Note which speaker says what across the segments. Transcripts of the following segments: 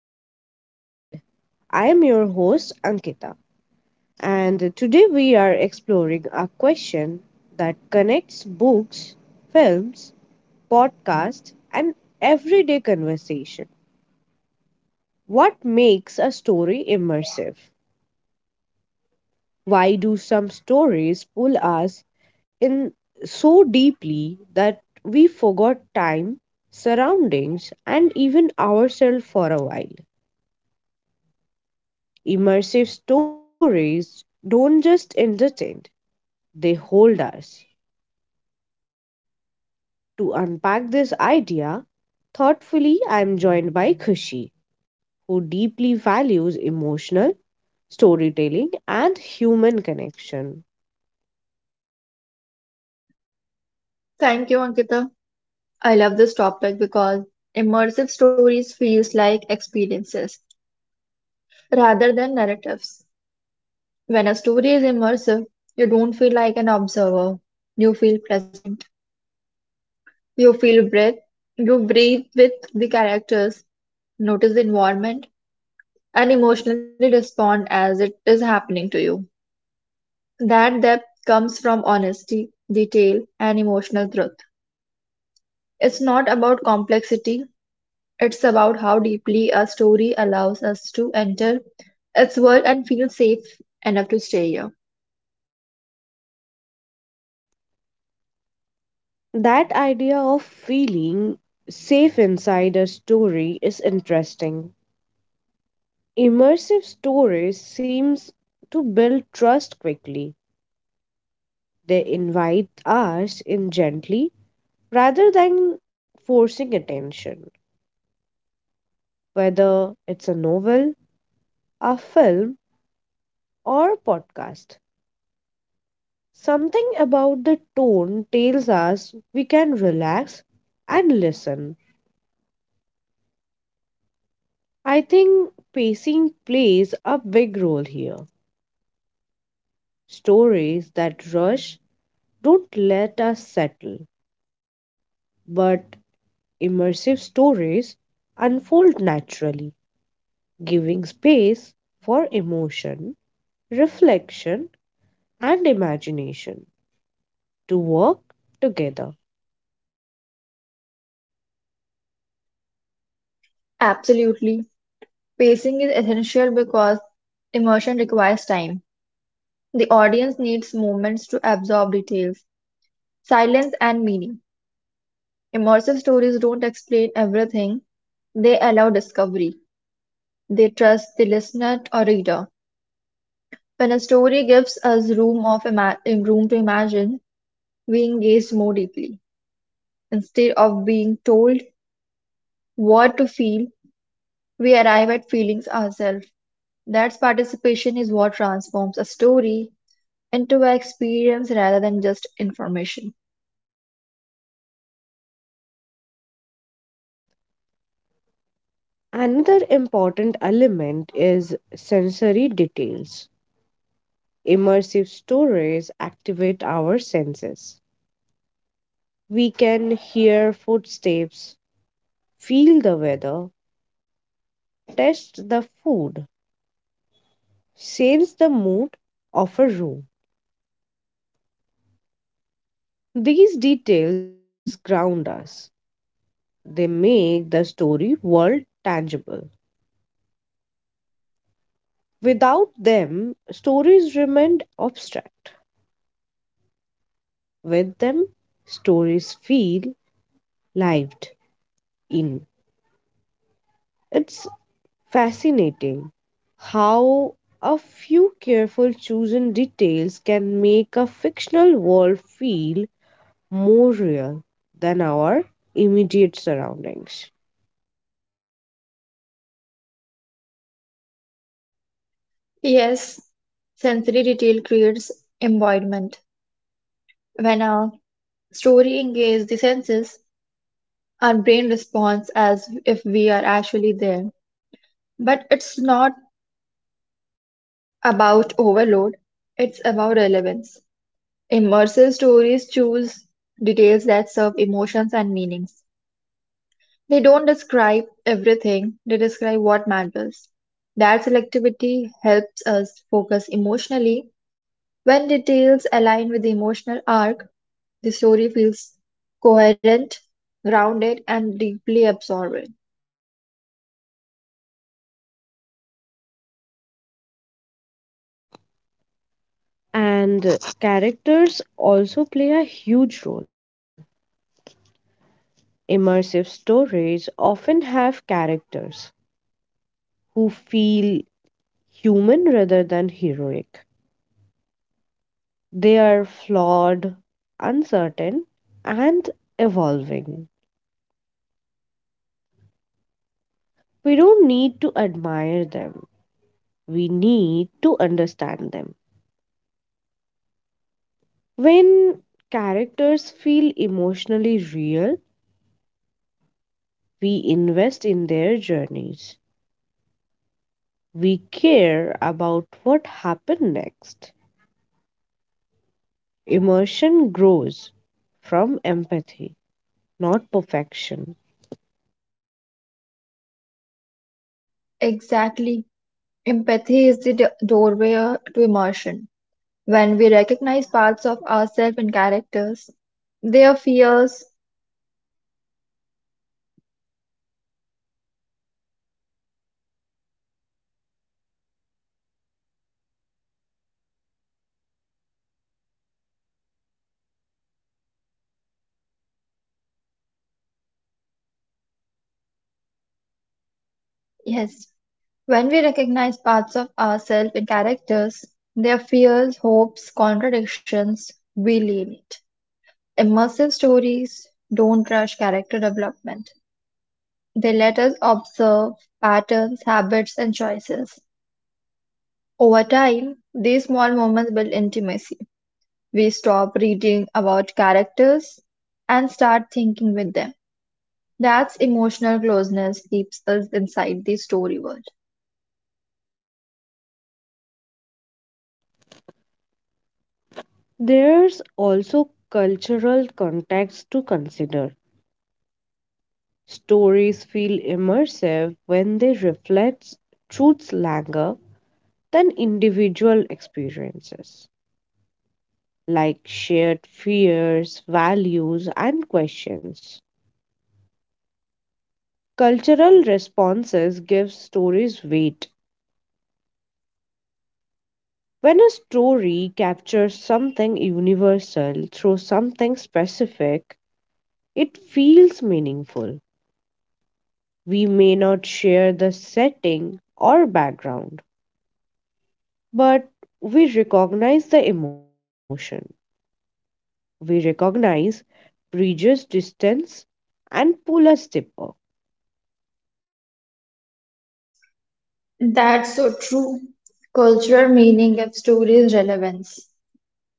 Speaker 1: to Healthy Lifestyle. I am your host, Ankita, and today we are exploring a question that connects books, films, podcasts, and everyday conversation. What makes a story immersive? Why do some stories pull us in so deeply that we forgot time, surroundings, and even ourselves for a while? Immersive stories don't just entertain, they hold us. To unpack this idea thoughtfully, I am joined by Khushi, who deeply values emotional storytelling and human connection.
Speaker 2: Thank you, Ankita. I love this topic because immersive stories feels like experiences rather than narratives. When a story is immersive, you don't feel like an observer. You feel present. You feel breath. You breathe with the characters, notice the environment, and emotionally respond as it is happening to you. That depth comes from honesty, detail, and emotional truth. It's not about complexity, it's about how deeply a story allows us to enter its world and feel safe enough to stay here.
Speaker 1: That idea of feeling safe inside a story is interesting. Immersive stories seems to build trust quickly. They invite us in gently rather than forcing attention, whether it's a novel, a film, or a podcast. Something about the tone tells us we can relax and listen. I think pacing plays a big role here. Stories that rush don't let us settle, but immersive stories unfold naturally, giving space for emotion, reflection, and imagination to work together.
Speaker 2: Absolutely. Pacing is essential because immersion requires time. The audience needs moments to absorb details, silence, and meaning. Immersive stories don't explain everything, they allow discovery. They trust the listener or reader. When a story gives us room to imagine, we engage more deeply. Instead of being told, what to feel? We arrive at feelings ourselves. That's participation is what transforms a story into an experience rather than just information.
Speaker 1: Another important element is sensory details. Immersive stories activate our senses. We can hear footsteps, feel the weather, taste the food, sense the mood of a room. These details ground us. They make the story world tangible. Without them, stories remain abstract. With them, stories feel lived in. It's fascinating how a few careful chosen details can make a fictional world feel more real than our immediate surroundings.
Speaker 2: Yes, sensory detail creates embodiment. When a story engages the senses, our brain responds as if we are actually there. But it's not about overload, it's about relevance. Immersive stories choose details that serve emotions and meanings. They don't describe everything, they describe what matters. That selectivity helps us focus emotionally. When details align with the emotional arc, the story feels coherent, grounded, and deeply absorbing.
Speaker 1: And characters also play a huge role. Immersive stories often have characters who feel human rather than heroic. They are flawed, uncertain, and evolving. We don't need to admire them, we need to understand them. When characters feel emotionally real, we invest in their journeys. We care about what happened next. Emotion grows from empathy, not perfection.
Speaker 2: Exactly. Empathy is the doorway to immersion. When we recognize parts of ourselves in characters, their fears, yes, When we recognize parts of ourselves in characters, their fears, hopes, contradictions, we live it. Immersive stories don't rush character development. They let us observe patterns, habits, and choices. Over time, these small moments build intimacy. We stop reading about characters and start thinking with them. That's emotional closeness keeps us inside the story world.
Speaker 1: There's also cultural context to consider. Stories feel immersive when they reflect truths longer than individual experiences, like shared fears, values, and questions. Cultural responses give stories weight. When a story captures something universal through something specific, it feels meaningful. We may not share the setting or background, but we recognize the emotion. We recognize bridges distance and pull us deeper.
Speaker 2: That's so true. Cultural meaning gives stories relevance.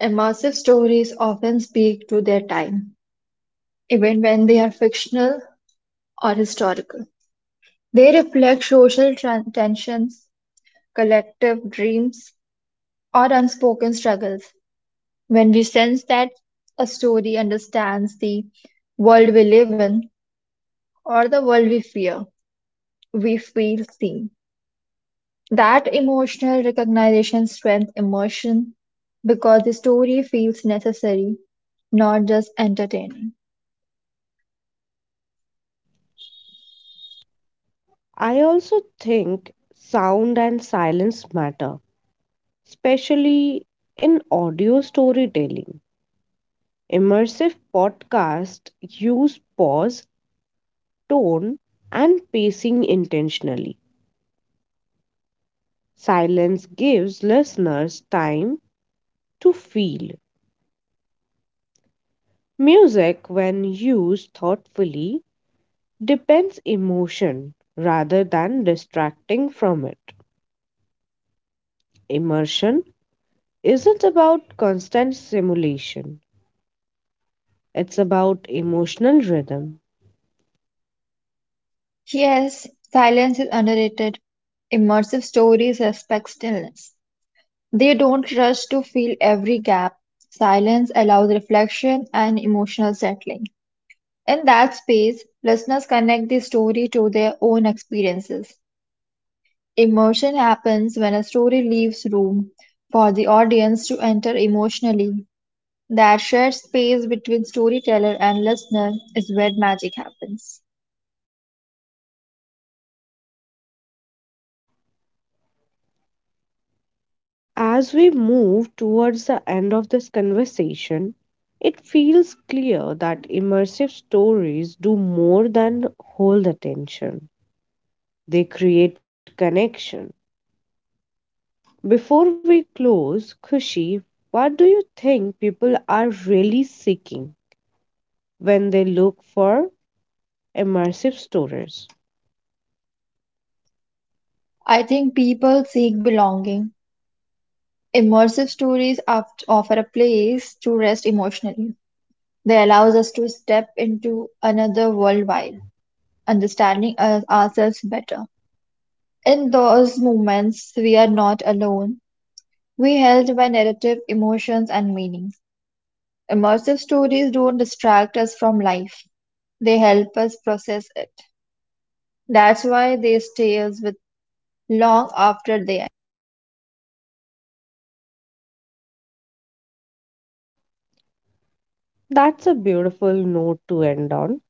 Speaker 2: Immersive stories often speak to their time, even when they are fictional or historical. They reflect social tran tensions, collective dreams, or unspoken struggles. When we sense that a story understands the world we live in or the world we fear, we feel seen. That emotional recognition strengthens immersion because the story feels necessary, not just entertaining.
Speaker 1: I also think sound and silence matter, especially in audio storytelling. Immersive podcasts use pause, tone, and pacing intentionally. Silence gives listeners time to feel. Music, when used thoughtfully, depends emotion rather than distracting from it. Immersion isn't about constant simulation, it's about emotional rhythm.
Speaker 2: Yes, silence is underrated. Immersive stories respect stillness. They don't rush to fill every gap. Silence allows reflection and emotional settling. In that space, listeners connect the story to their own experiences. Immersion happens when a story leaves room for the audience to enter emotionally. That shared space between storyteller and listener is where magic happens.
Speaker 1: As we move towards the end of this conversation, it feels clear that immersive stories do more than hold attention, they create connection. Before we close, Khushi, what do you think people are really seeking when they look for immersive stories?
Speaker 2: I think people seek belonging. Immersive stories offer a place to rest emotionally. They allows us to step into another world while understanding ourselves better. In those moments, we are not alone. We held by narrative, emotions, and meanings. Immersive stories don't distract us from life. They help us process it. That's why they stay us with long after they
Speaker 1: That's a beautiful note to end on.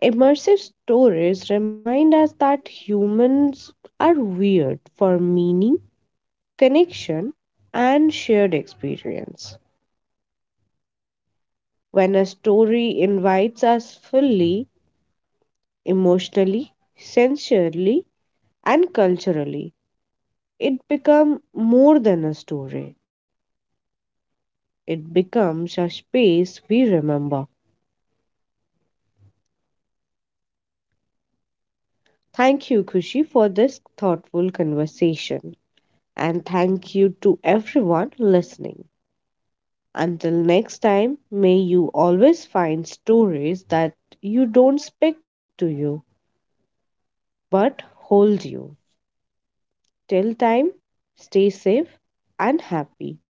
Speaker 1: Immersive stories remind us that humans are weird for meaning, connection, and shared experience. When a story invites us fully, emotionally, sensually, and culturally, it becomes more than a story. It becomes a space we remember. Thank you, Kushi, for this thoughtful conversation. And thank you to everyone listening. Until next time, may you always find stories that you don't speak to you but hold you. Till time, stay safe and happy.